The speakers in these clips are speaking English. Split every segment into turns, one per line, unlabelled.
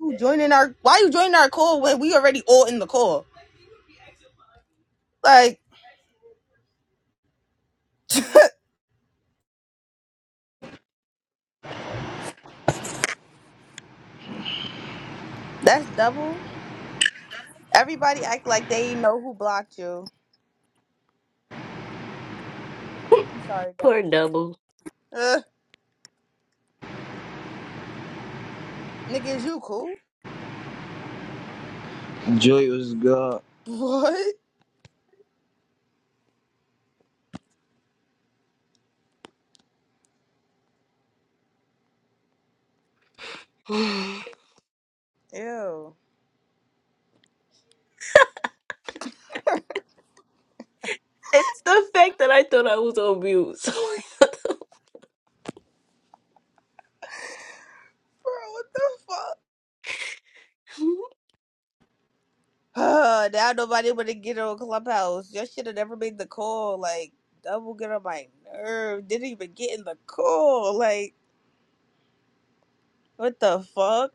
You joining our? Why you joining our call when we already all in the call? Like that's double. Everybody act like they know who blocked you. I'm sorry,
Poor
double.
double.
Uh, nigga, is you cool?
Joey was good.
What? Ew.
It's the fact that I thought I was on mute. So
Bro, what the fuck? Uh, now nobody wanna get on Clubhouse. Y'all should have never made the call. Like double get on my nerve. Didn't even get in the call. Like what the fuck?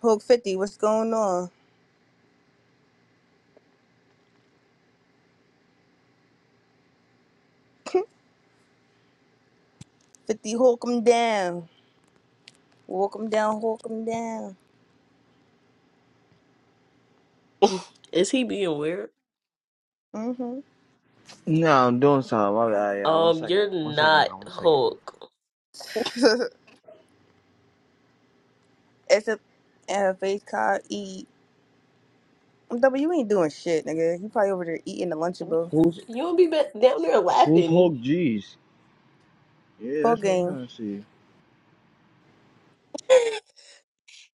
Hulk fifty, what's going on? Fifty, Hulk him down. Walk him down. Hulk him down.
is he being weird?
Mm-hmm.
No, I'm doing something. My bad, yeah. One
Um,
second.
you're
One second,
not
y'all. One second.
Hulk.
it's a, and a face called E. But you ain't doing shit, nigga. You probably over there eating the Lunchable.
Who's
You don't be ba- down there
who's
laughing.
Hulk G's? Yeah,
Whole
that's what I'm
game.
trying to see.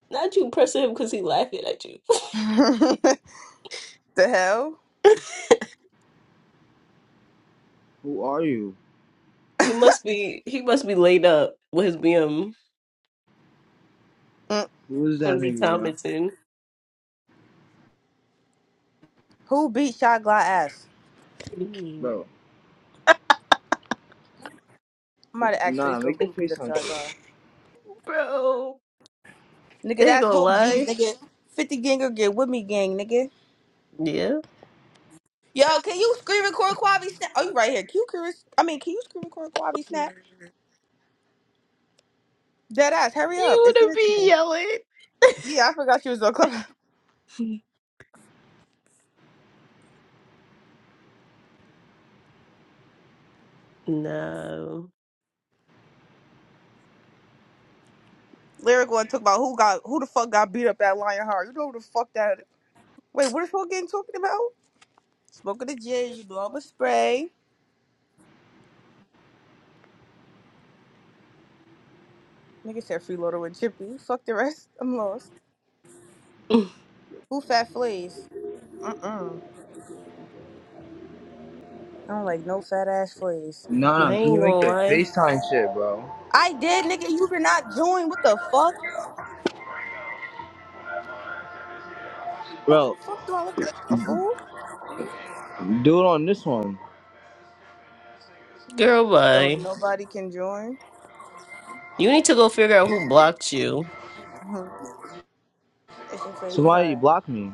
Not you pressing him because he laughing at you.
the hell?
Who are you?
He must be. He must be laid up with his BM.
Mm.
Who is that
Gonna be
nigga, yeah?
commenting,
Who beat Shot Glass ass?
Mhm.
Bro,
I'm about to ask
nah,
Facebook
make the
who beat up
FaceTime
Shot
shit.
Glass.
bro.
Nigga,
They
that's
gonna
Hope G's,
lie.
nigga. 50 ganger get with me, gang, nigga.
Yeah.
Yo, can you screen record Quavi Snap? Oh, you right here. Can you, curious- I mean, can you screen record Quavi Snap? Dead ass, hurry up.
You
It's
would
it to
be
me.
yelling.
Yeah, I forgot you was on club.
No.
Lyrical and talk about who got who the fuck got beat up at Lionheart. You know who the fuck that Wait, what is whole gang talking about? Smoking the jizz, you do all but spray. Nigga said freeloader with Chippy. Fuck the rest. I'm lost.
Mm,
Who fat fleas? Mm-mm. I don't like no fat ass fleas.
Nah,
I
nah, can
ain't
you make
gonna
the
lie.
FaceTime shit, bro?
I did, nigga. You did not join. What the fuck? Fuck,
Bro,
fuck do I look like a fool?
do it on this one.
Girl,
So
bye.
nobody can join?
You need to go figure out who blocked you.
Hmm. it's a face
Somebody
card.
block me.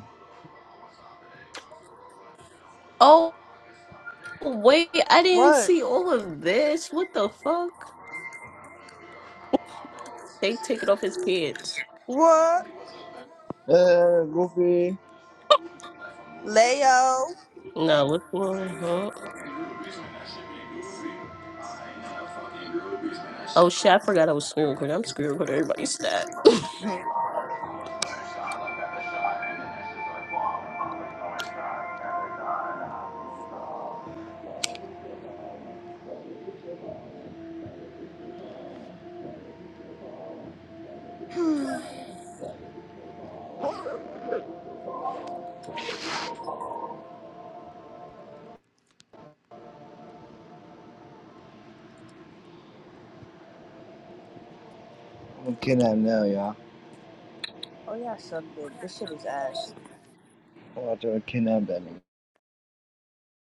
Oh, wait, I didn't
What?
see all of this. What the fuck? They take it off his pants.
What?
Uh, Goofy.
Leo.
No, what's wrong? Oh shit, I forgot I was screen recording. I'm screen recording everybody's stat.
oh, yeah,
I'm going now, y'all.
I suck dick. This shit is ass.
I'm about to kidnap that nigga.